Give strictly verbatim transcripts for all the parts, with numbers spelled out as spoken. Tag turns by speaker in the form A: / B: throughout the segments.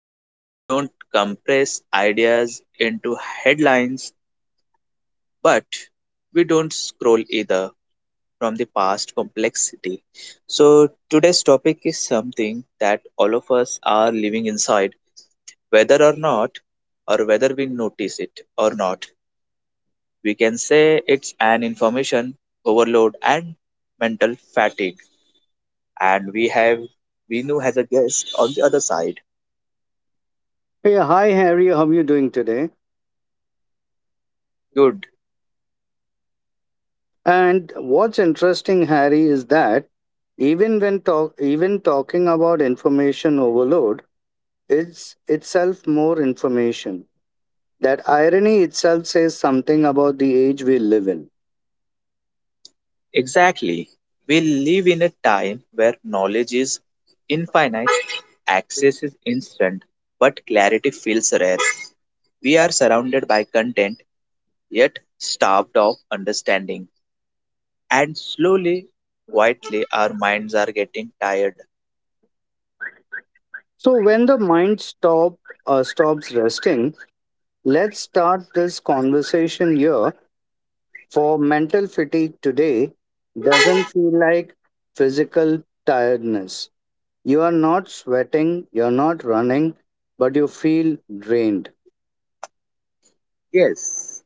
A: and we don't compress ideas into headlines, but we don't scroll either from the past complexity. So today's topic is something that all of us are living inside, whether or not, or whether we notice it or not. We can say it's an information overload and mental fatigue and we have Vinu as a guest on the other side.
B: Hey, hi Harry, how are you doing today?
A: Good.
B: And what's interesting, Harry, is that even when talk even talking about information overload, it's itself more information. That irony itself says something about the age we live in.
A: Exactly. We live in a time where knowledge is infinite, access is instant, but clarity feels rare. We are surrounded by content, yet starved of understanding. And slowly, quietly, our minds are getting tired.
B: So when the mind stop uh, stops resting, let's start this conversation here. For mental fatigue today doesn't feel like physical tiredness. You are not sweating, you're not running, but you feel drained.
A: Yes,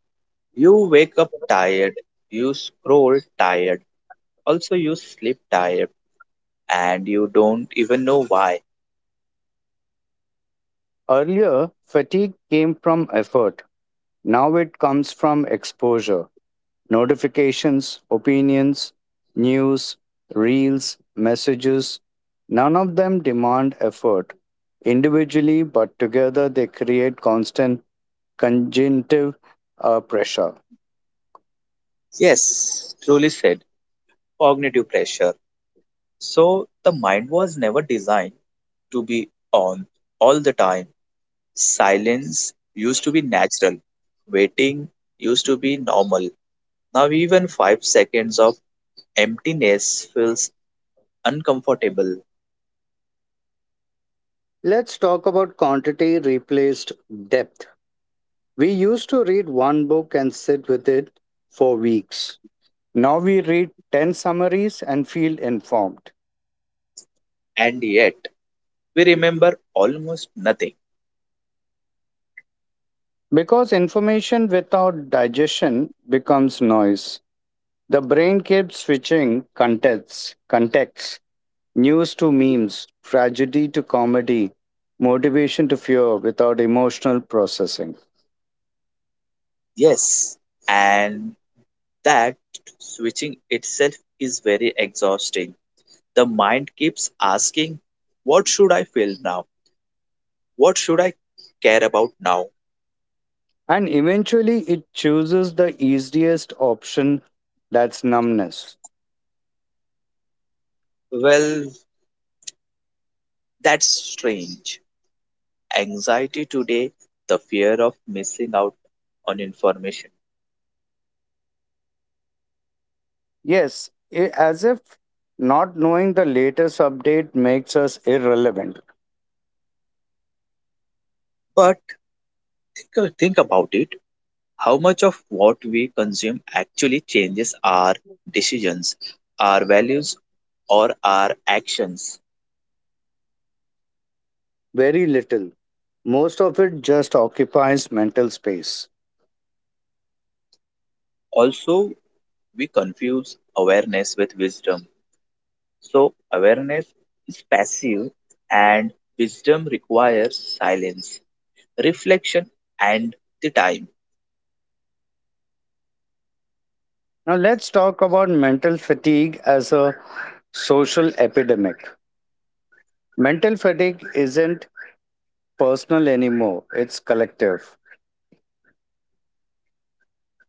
A: you wake up tired, you scroll tired, also, you sleep tired, and you don't even know why.
B: Earlier, fatigue came from effort. Now it comes from exposure, notifications, opinions, news, reels, messages. None of them demand effort. Individually, but together, they create constant conjunctive uh, pressure.
A: Yes, truly said. Cognitive pressure. So the mind was never designed to be on all the time. Silence used to be natural. Waiting used to be normal. Now even five seconds of emptiness feels uncomfortable.
B: Let's talk about quantity replaced depth. We used to read one book and sit with it for weeks. Now we read ten summaries and feel informed.
A: And yet we remember almost nothing.
B: Because information without digestion becomes noise. The brain keeps switching contexts, contexts, news to memes, tragedy to comedy, motivation to fear without emotional processing.
A: Yes. And that switching itself is very exhausting. The mind keeps asking, what should I feel now? What should I care about now?
B: And eventually it chooses the easiest option, that's numbness.
A: Well, that's strange. Anxiety today, the fear of missing out on information.
B: Yes, i- as if not knowing the latest update makes us irrelevant.
A: But think, think about it. How much of what we consume actually changes our decisions, our values, or our actions?
B: Very little. Most of it just occupies mental space.
A: Also, we confuse awareness with wisdom. So, awareness is passive and wisdom requires silence. reflection, and the time.
B: Now, let's talk about mental fatigue as a social epidemic. Mental fatigue isn't personal anymore, it's collective.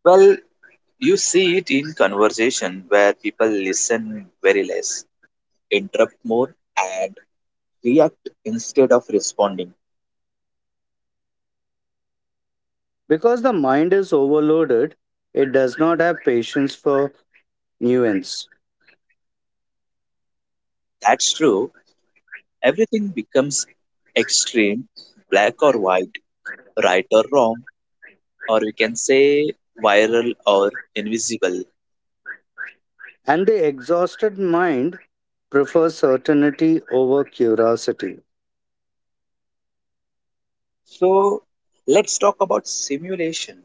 A: Well, you see it in conversation where people listen very less, interrupt more, and react instead of responding.
B: Because the mind is overloaded, it does not have patience for nuance.
A: That's true. Everything becomes extreme, black or white, right or wrong, or we can say viral or invisible.
B: And the exhausted mind prefers certainty over curiosity.
A: So, let's talk about simulation.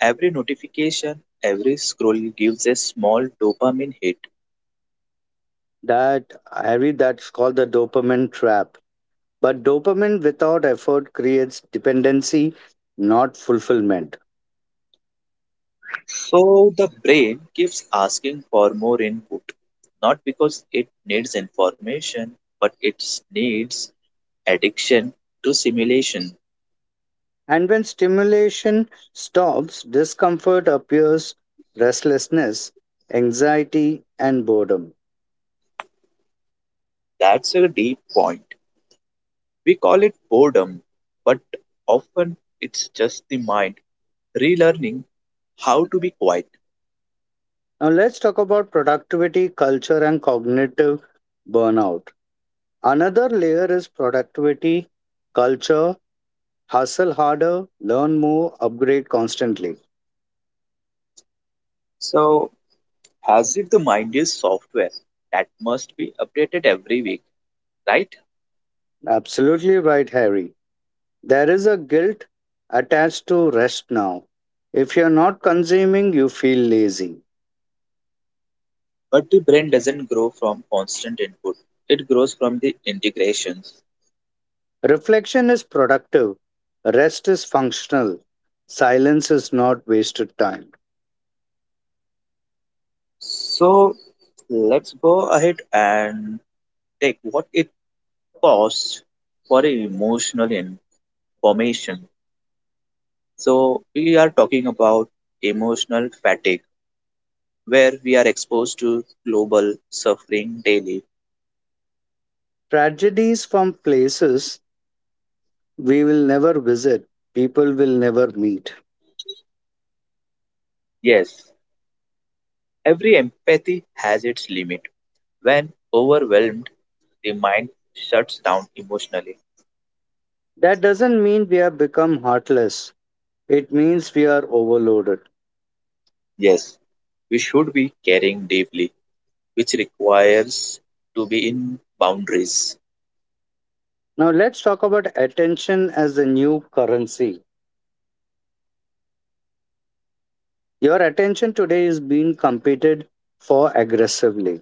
A: Every notification, every scroll gives a small dopamine hit.
B: That I read, that's called the dopamine trap. But dopamine without effort creates dependency, not fulfillment.
A: So the brain keeps asking for more input, not because it needs information, but it needs addiction to simulation.
B: And when stimulation stops, discomfort appears, restlessness, anxiety, and boredom.
A: That's a deep point. We call it boredom, but often it's just the mind relearning how to be quiet.
B: Now let's talk about productivity, culture, and cognitive burnout. Another layer is productivity, culture, hustle harder, learn more, upgrade constantly.
A: So, as if the mind is software that must be updated every week, right?
B: Absolutely right, Harry. There is a guilt attached to rest now. If you're not consuming, you feel lazy.
A: But the brain doesn't grow from constant input, it grows from the integrations.
B: Reflection is productive, rest is functional, silence is not wasted time.
A: So, let's go ahead and take what it costs for emotional information. So, we are talking about emotional fatigue, where we are exposed to global suffering daily.
B: Tragedies from places we will never visit, people will never meet.
A: Yes, every empathy has its limit. When overwhelmed, the mind shuts down emotionally.
B: That doesn't mean we have become heartless, it means we are overloaded.
A: Yes, we should be caring deeply, which requires to be in boundaries.
B: Now, let's talk about attention as the new currency. Your attention today is being competed for aggressively.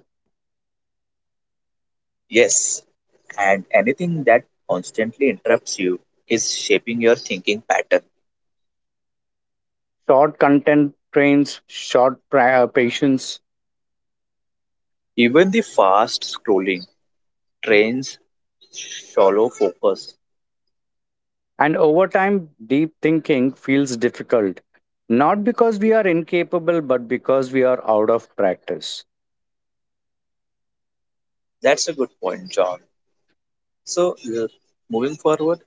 A: Yes, and anything that constantly interrupts you is shaping your thinking pattern.
B: Short content trains short pra- uh, patience,
A: Even the fast scrolling trains shallow focus.
B: and over time, deep thinking feels difficult. Not because we are incapable, but because we are out of practice.
A: That's a good point, John. So, uh, moving forward,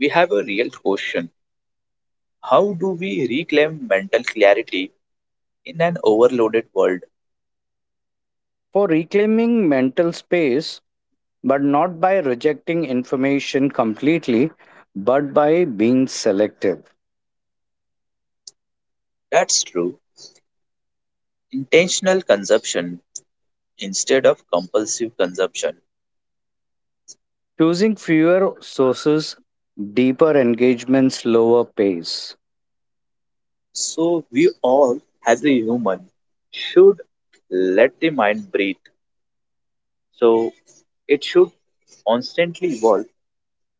A: we have a real question. How do we reclaim mental clarity in an overloaded world?
B: For reclaiming mental space, but not by rejecting information completely, but by being selective.
A: That's true. Intentional consumption instead of compulsive consumption.
B: Choosing fewer sources, deeper engagements, lower pace.
A: So, we all, as a human, should let the mind breathe So it should constantly evolve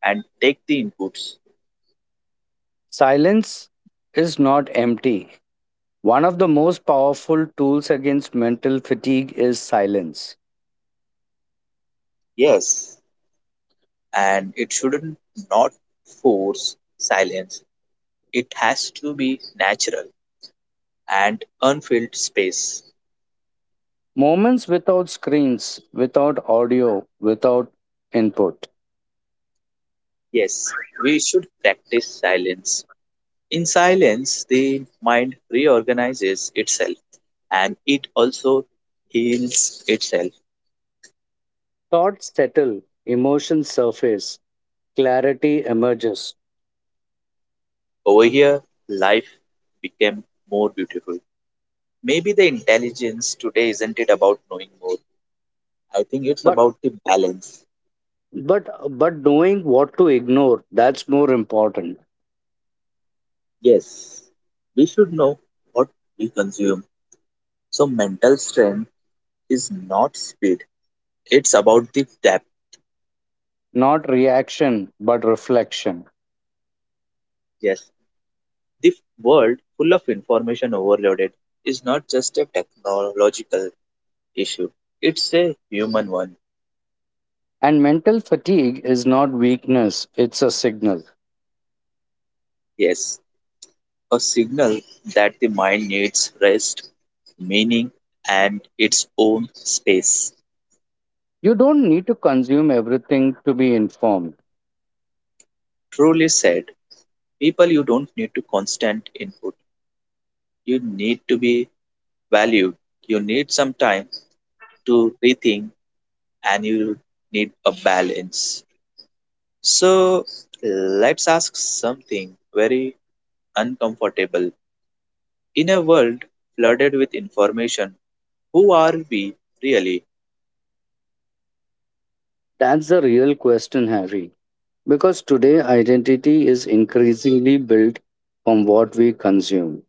A: and take the inputs.
B: Silence is not empty. One of the most powerful tools against mental fatigue is silence.
A: Yes, and it shouldn't not force silence. It has to be natural and unfilled space.
B: Moments without screens, without audio, without input.
A: yes, We should practice silence. In silence, the mind reorganizes itself and it also heals itself.
B: Thoughts settle, emotions surface, clarity emerges.
A: Over here, life became more beautiful. Maybe the intelligence today isn't it about knowing more? I think it's
B: But
A: about the balance.
B: but but knowing what to ignore, that's more important.
A: Yes, we should know what we consume. So, mental strength is not speed, it's about the depth.
B: Not reaction, but reflection.
A: Yes, the world full of information overloaded is not just a technological issue, it's a human one.
B: And mental fatigue is not weakness, it's a signal.
A: Yes, a signal that the mind needs rest, meaning, and its own space.
B: You don't need to consume everything to be informed.
A: Truly said, people, you don't need to constant input You need to be valued. You need some time to rethink and you need a balance. So let's ask something very uncomfortable. In a world flooded with information, who are we really?
B: That's the real question, Harry. Because today, identity is increasingly built from what we consume.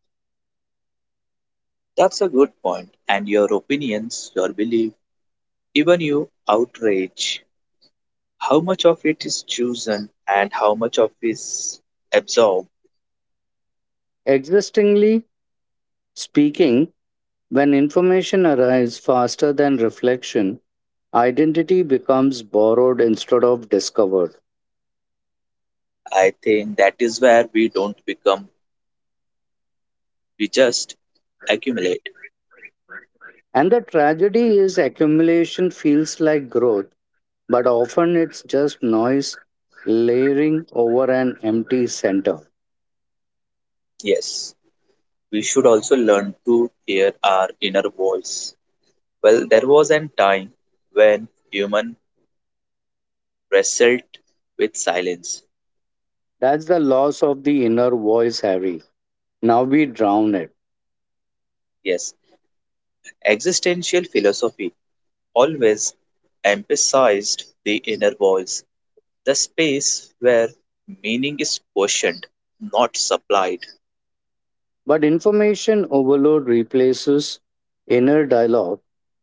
A: That's a good point. And your opinions, your belief, even your outrage, how much of it is chosen and how much of it is absorbed?
B: Existingly speaking, when information arrives faster than reflection, identity becomes borrowed instead of discovered.
A: I think that is where we don't become, we just accumulate.
B: And the tragedy is accumulation feels like growth, but often it's just noise layering over an empty center.
A: Yes. We should also learn to hear our inner voice. Well, there was a time when human wrestled with silence.
B: That's the loss of the inner voice, Harry. Now we drown it.
A: Yes, existential philosophy always emphasized the inner voice, the space where meaning is questioned, not supplied.
B: But information overload replaces inner dialogue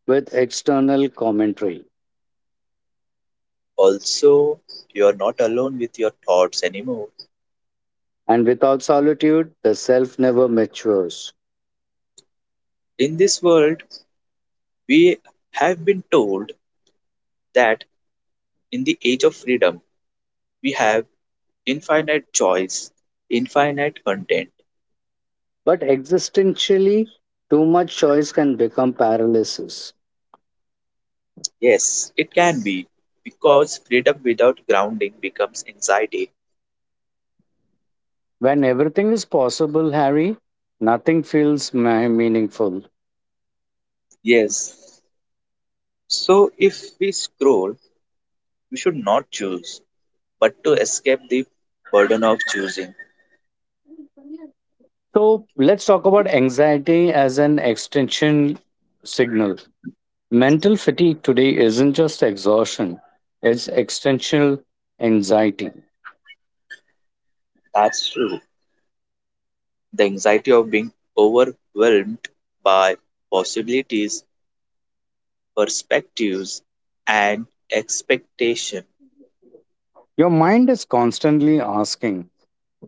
B: with external commentary.
A: Also, you are not alone with your thoughts anymore.
B: And without solitude, the self never matures.
A: In this world, we have been told that in the age of freedom, we have Infinite choice, infinite content.
B: But existentially, too much choice can become paralysis.
A: Yes, it can be because freedom without grounding becomes anxiety.
B: When everything is possible, Harry, nothing feels ma- meaningful.
A: Yes. So if we scroll, we should not choose, but to escape the burden of choosing.
B: So let's talk about anxiety as an extension signal. Mental fatigue today isn't just exhaustion, it's extensional anxiety.
A: That's true. The anxiety of being overwhelmed by possibilities, perspectives, and expectation.
B: Your mind is constantly asking,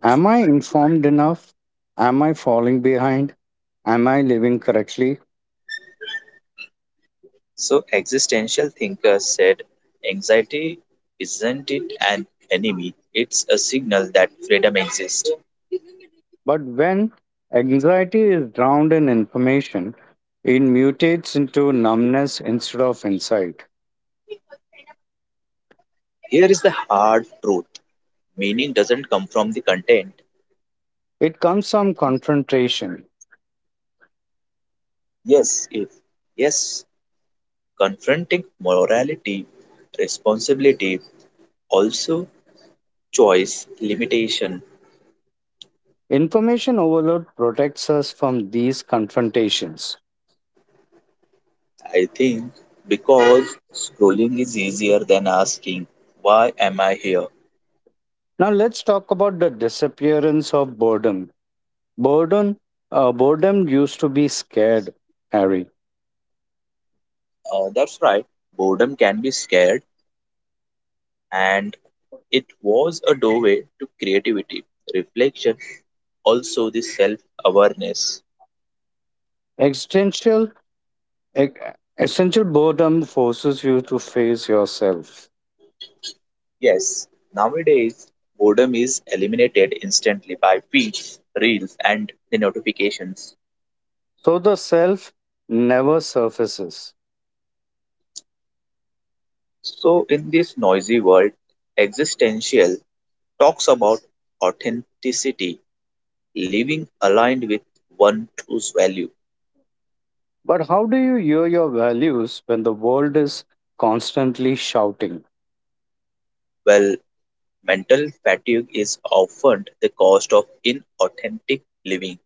B: am I informed enough? Am I falling behind? Am I living correctly?
A: So existential thinkers said anxiety isn't it an enemy, it's a signal that freedom exists.
B: But when anxiety is drowned in information, it mutates into numbness instead of insight.
A: Here is the hard truth. Meaning doesn't come from the content.
B: It comes from confrontation.
A: Yes, if yes, confronting morality, responsibility, also choice, limitation.
B: Information overload protects us from these confrontations.
A: I think because scrolling is easier than asking, why am I here?
B: Now, let's talk about the disappearance of boredom. Boredom, uh, boredom used to be scared, Harry.
A: Uh, that's right. Boredom can be scared and It was a doorway to creativity, reflection, also the self awareness.
B: Existential E- Essential boredom forces you to face yourself.
A: Yes, nowadays boredom is eliminated instantly by feeds, reels, and the notifications.
B: So the self never surfaces.
A: So, in this noisy world, existential talks about authenticity, living aligned with one true's value.
B: But how do you hear your values when the world is constantly shouting,
A: Well, mental fatigue is often the cost of inauthentic living.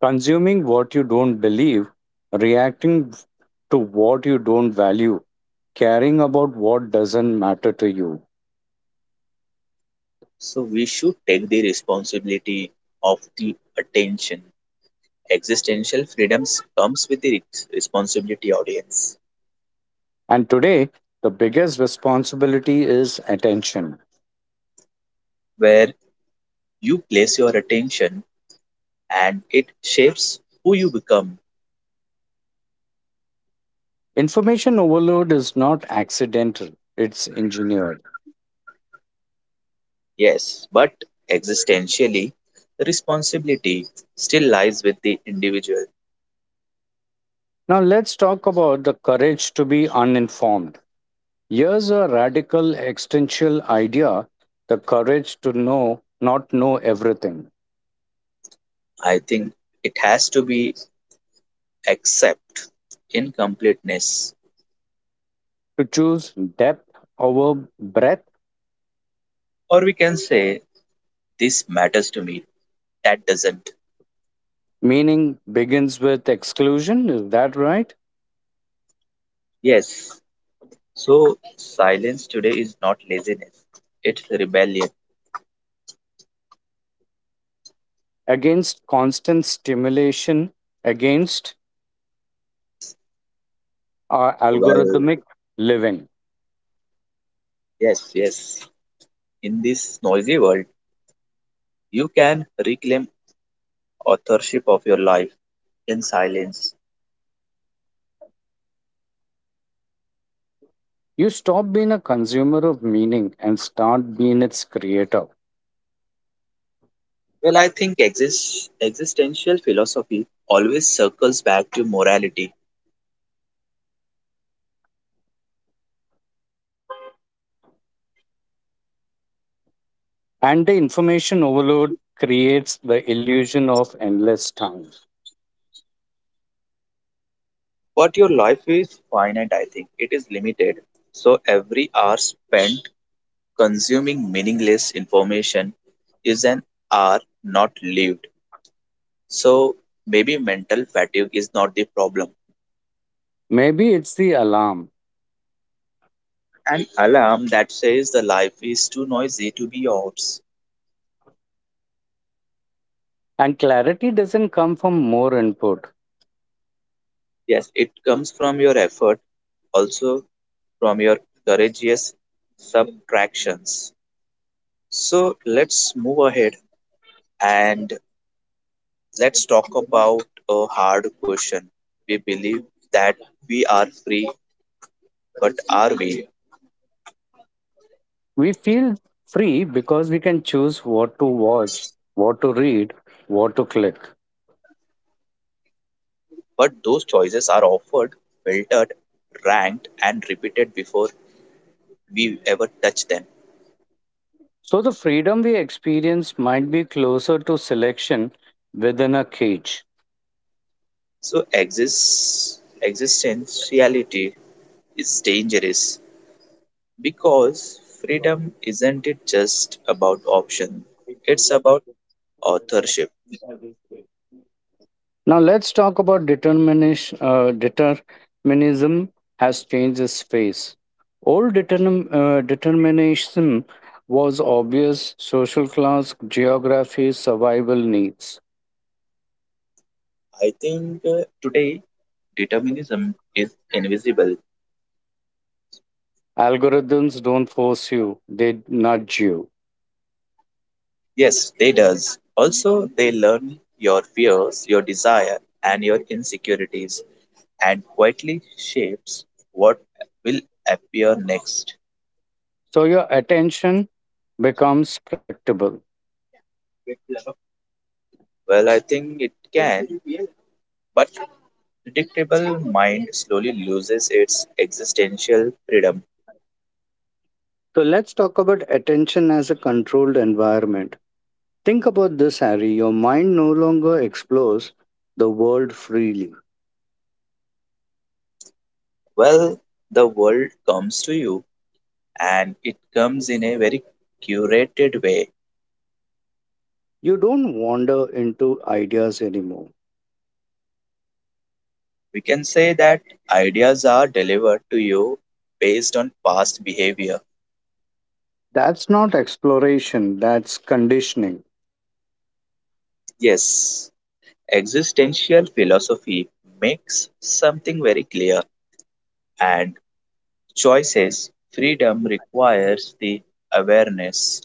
B: consuming what you don't believe, reacting to what you don't value, caring about what doesn't matter to you?
A: So we should take the responsibility of the attention. Existential freedoms comes with the re- responsibility audience,
B: And today, the biggest responsibility is attention.
A: where you place your attention and it shapes who you become.
B: Information overload is not accidental, it's engineered.
A: Yes, but existentially, the responsibility still lies with the individual.
B: Now, let's talk about the courage to be uninformed. Here's a radical existential idea, the courage to know, not know everything.
A: I think it has to be accept in completeness,
B: To choose depth over breadth,
A: or we can say this matters to me. That doesn't.
B: meaning begins with exclusion, is that right?
A: Yes, So, silence today is not laziness, it's rebellion.
B: Against constant stimulation, against uh,
A: Well,
B: algorithmic living.
A: yes, yes. In this noisy world, you can reclaim authorship of your life in silence.
B: You stop being a consumer of meaning and start being its creator.
A: Well, I think exist, existential philosophy always circles back to morality.
B: And the information overload creates the illusion of endless time.
A: But your life is finite, I think. It is limited. So, every hour spent consuming meaningless information is an hour not lived. So maybe mental fatigue is not the problem.
B: Maybe it's the alarm,
A: An alarm that says the life is too noisy to be yours.
B: and clarity doesn't come from more input.
A: Yes, it comes from your effort, also from your courageous subtractions. So let's move ahead and let's talk about a hard question. We believe that we are free, but are we?
B: We feel free because we can choose what to watch, what to read, what to click.
A: But those choices are offered, filtered, ranked, and repeated before we ever touch them.
B: So the freedom we experience might be closer to selection within a cage.
A: So exist existentiality is dangerous because freedom isn't it just about option. It's about authorship.
B: Now let's talk about determination. Uh, determinism has changed its face. Old determin- uh, determinism was obvious social class, geography, survival needs.
A: I think uh, today determinism is invisible.
B: Algorithms don't force you, they nudge you.
A: Yes, they does. Also they learn your fears, your desire and your insecurities and quietly shapes what will appear next.
B: So your attention becomes predictable.
A: Well, I think it can, but predictable mind slowly loses its existential freedom.
B: So let's talk about attention as a controlled environment. Think about this, Harry. Your mind no longer explores the world freely.
A: Well, the world comes to you and it comes in a very curated way.
B: You don't wander into ideas anymore.
A: We can say that ideas are delivered to you based on past behavior.
B: That's not exploration, that's conditioning.
A: Yes, existential philosophy makes something very clear and choices. Freedom requires the awareness.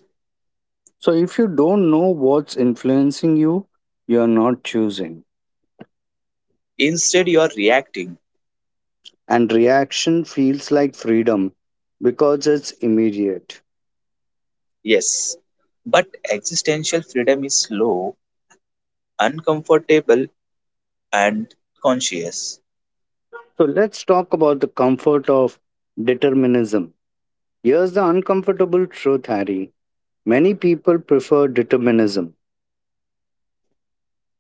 B: So, if you don't know what's influencing you, you're not choosing.
A: Instead, you are reacting.
B: And reaction feels like freedom because it's immediate.
A: Yes, but existential freedom is slow, uncomfortable, and conscious.
B: So, let's talk about the comfort of determinism. Here's the uncomfortable truth, Harry. Many people prefer determinism.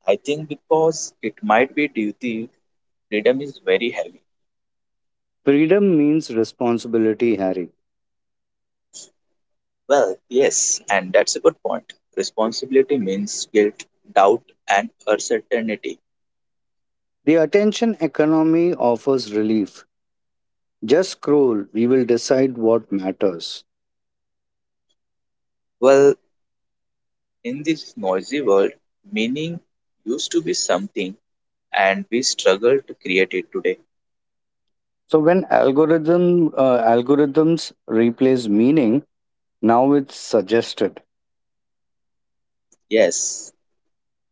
A: I think because it might be duty, freedom is very heavy.
B: Freedom means responsibility, Harry.
A: Well, yes, and that's a good point. Responsibility means guilt, doubt, and uncertainty.
B: The attention economy offers relief, just scroll, we will decide what matters.
A: Well, in this noisy world, meaning used to be something, and we struggle to create it today.
B: So when algorithm uh, algorithms replace meaning, now it's suggested.
A: Yes,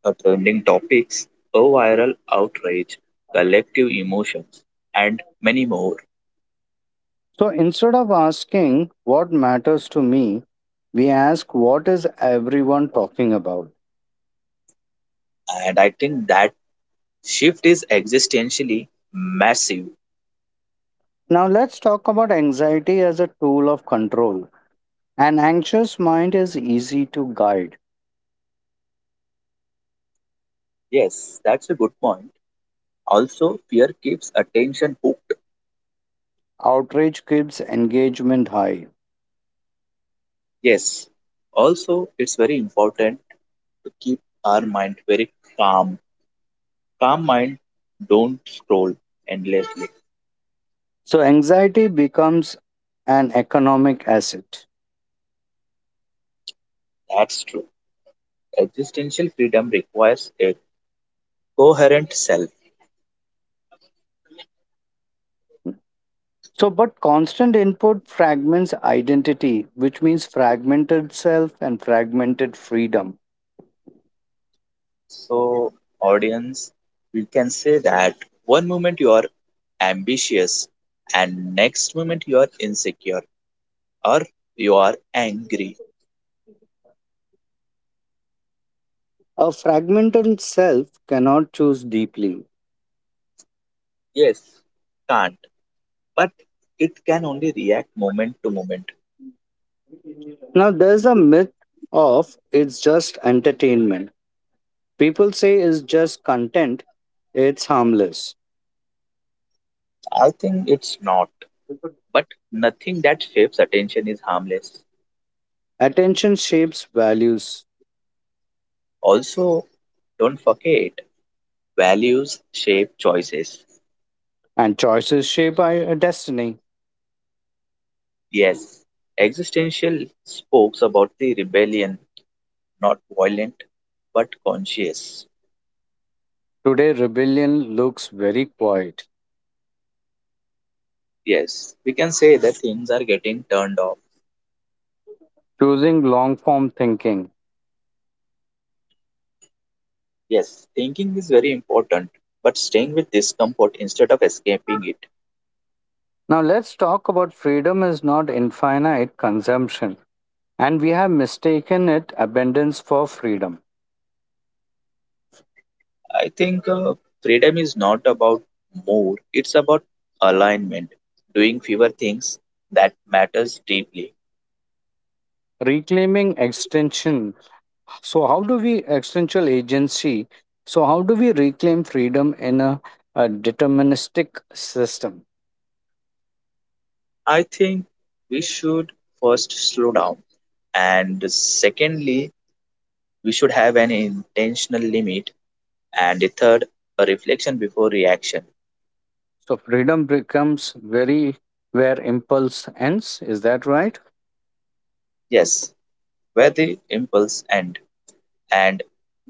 A: The trending topics a viral outrage, collective emotions, and many more.
B: So instead of asking what matters to me, we ask what is everyone talking about.
A: And I think that shift is existentially massive.
B: Now let's talk about anxiety as a tool of control, an anxious mind is easy to guide.
A: Yes, that's a good point. Also, fear keeps attention hooked.
B: Outrage keeps engagement high,
A: Yes. Also, it's very important to keep our mind very calm. Calm mind, don't scroll endlessly.
B: so anxiety becomes an economic asset.
A: That's true. Existential freedom requires a coherent self
B: So, but constant input fragments identity, which means fragmented self and fragmented freedom.
A: So, audience, we can say that one moment you are ambitious, and next moment you are insecure or you are angry.
B: A fragmented self cannot choose deeply.
A: Yes, can't, but it can only react moment to moment.
B: Now, there's a myth of, it's just entertainment. People say it's just content, it's harmless.
A: I think it's not, but nothing that shapes attention is harmless.
B: Attention shapes values,
A: Also, don't forget values shape choices.
B: and choices shape our destiny.
A: Yes, existential spokes about the rebellion not violent but conscious.
B: Today, rebellion looks very quiet,
A: Yes, we can say that things are getting turned off.
B: choosing long form thinking.
A: Yes, thinking is very important, but staying with discomfort instead of escaping it.
B: Now, let's talk about freedom is not infinite consumption, and we have mistaken it abundance for freedom.
A: I think uh, freedom is not about more, it's about alignment, doing fewer things that matters deeply.
B: Reclaiming extension. So, how do we extension agency? So, how do we reclaim freedom in a, a deterministic system?
A: I think we should first slow down and secondly we should have an intentional limit and a third a reflection before reaction.
B: So, freedom becomes very where impulse ends. Is that right?
A: Yes, where the impulse end and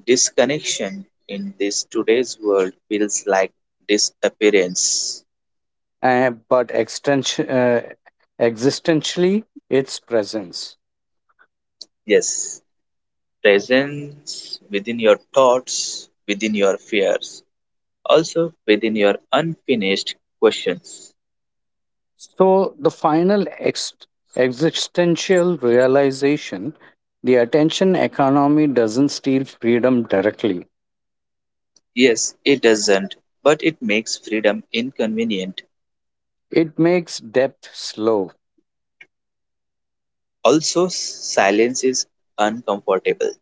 A: disconnection in this today's world feels like disappearance.
B: Uh, but extension, uh, existentially, its presence.
A: Yes, presence within your thoughts, within your fears, also within your unfinished questions.
B: So, the final ex- existential realization, the attention economy doesn't steal freedom directly,
A: Yes, it doesn't, but it makes freedom inconvenient.
B: it makes depth slow.
A: Also, silence is uncomfortable.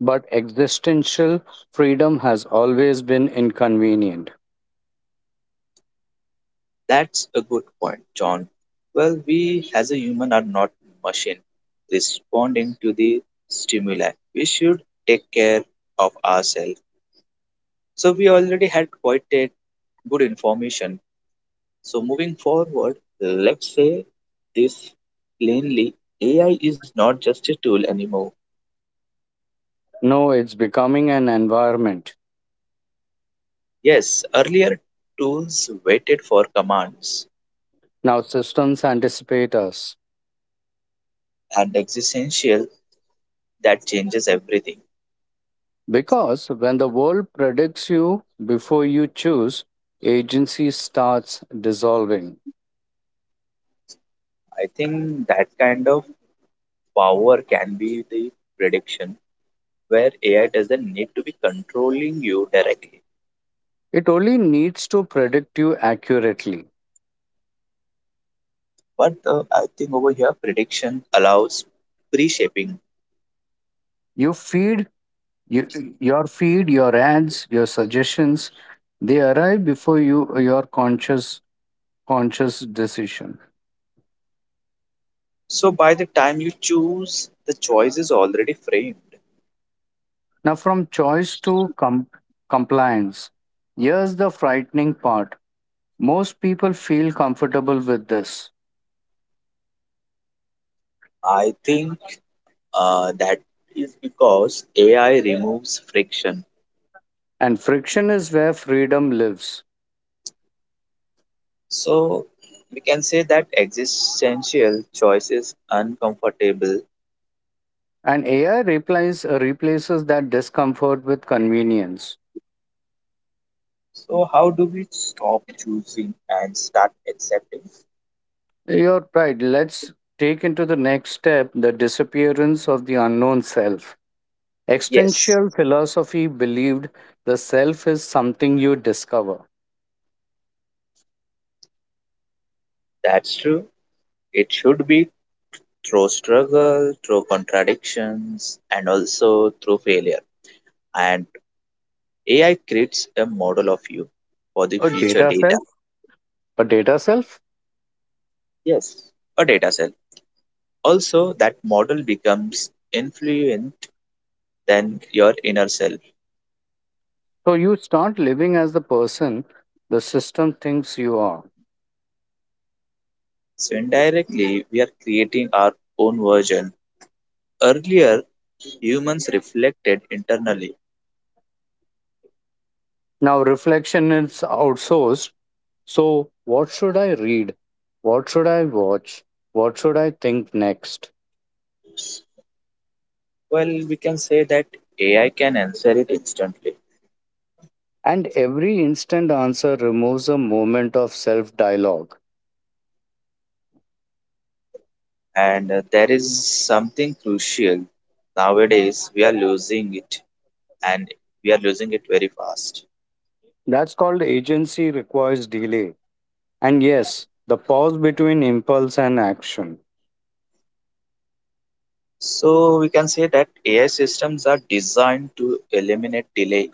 B: But existential freedom has always been inconvenient.
A: That's a good point, John. Well, we as a human are not machine responding to the stimuli. We should take care of ourselves. So we already had quite a good information. So moving forward, let's say this plainly, A I is not just a tool anymore.
B: No, it's becoming an environment.
A: Yes, earlier tools waited for commands
B: Now, systems anticipate us.
A: and existential that changes everything.
B: Because when the world predicts you before you choose, agency starts dissolving.
A: I think that kind of power can be the prediction where A I doesn't need to be controlling you directly.
B: It only needs to predict you accurately.
A: But uh, I think over here, prediction allows pre shaping.
B: You feed you, your feed, your ads, your suggestions. They arrive before you your conscious conscious decision.
A: So by the time you choose, the choice is already framed.
B: Now, from choice to com- compliance. Here's the frightening part. Most people feel comfortable with this,
A: I think uh, that is because A I removes friction.
B: and friction is where freedom lives.
A: So we can say that existential choice is uncomfortable.
B: And A I replies, replaces replaces that discomfort with convenience.
A: So how do we stop choosing and start accepting?
B: You're right. Let's take into the next step the disappearance of the unknown self.
A: Yes,
B: Existential philosophy believed the self is something you discover.
A: that's true. It should be through struggle, through contradictions, and also through failure. And A I creates a model of you for the
B: A
A: future
B: data
A: data.
B: self? A data self?
A: Yes, a data cell. Also, that model becomes influent than your inner self.
B: So you start living as the person the system thinks you are.
A: So indirectly, we are creating our own version. Earlier, humans reflected internally.
B: Now, reflection is outsourced. So, what should I read? What should I watch? What should I think next?
A: Well, we can say that A I can answer it instantly.
B: And every instant answer removes a moment of self dialogue.
A: and uh, there is something crucial nowadays we are losing it and we are losing it very fast.
B: That's called agency requires delay. And yes, the pause between impulse and action.
A: So we can say that AI systems are designed to eliminate delay,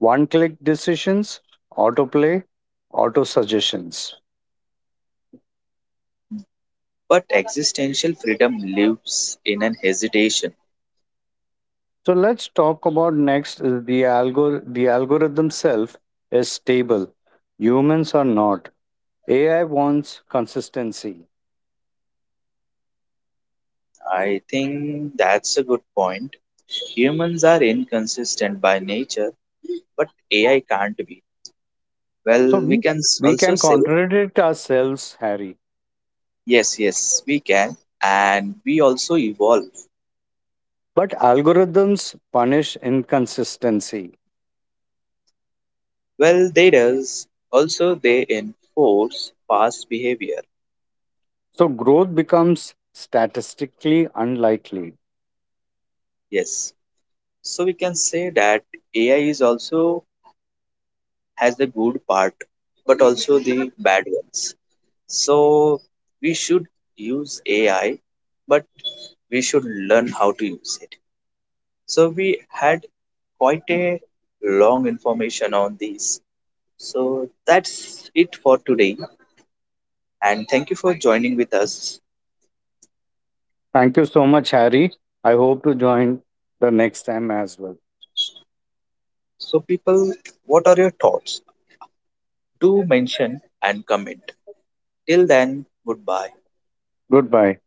B: One click decisions, autoplay, auto suggestions.
A: but existential freedom lives in an hesitation.
B: So let's talk about next is the algor the algorithm self is stable. Humans are not. A I wants consistency.
A: I think that's a good point, humans are inconsistent by nature but AI can't be.
B: So
A: Well, we
B: we,
A: can s-
B: we
A: also
B: can
A: say
B: contradict ourselves, Harry,
A: yes, yes, we can and we also evolve.
B: but algorithms punish inconsistency.
A: Well, they does. Also, they enforce past behavior.
B: So growth becomes statistically unlikely.
A: Yes. So we can say that A I is also has the good part, but also the bad ones. So we should use A I, but we should learn how to use it. So we had quite a long information on these. So that's it for today, and thank you for joining with us.
B: Thank you so much, Harry. I hope to join the next time as well.
A: So, people, what are your thoughts? do mention and comment. Till then, goodbye.
B: Goodbye.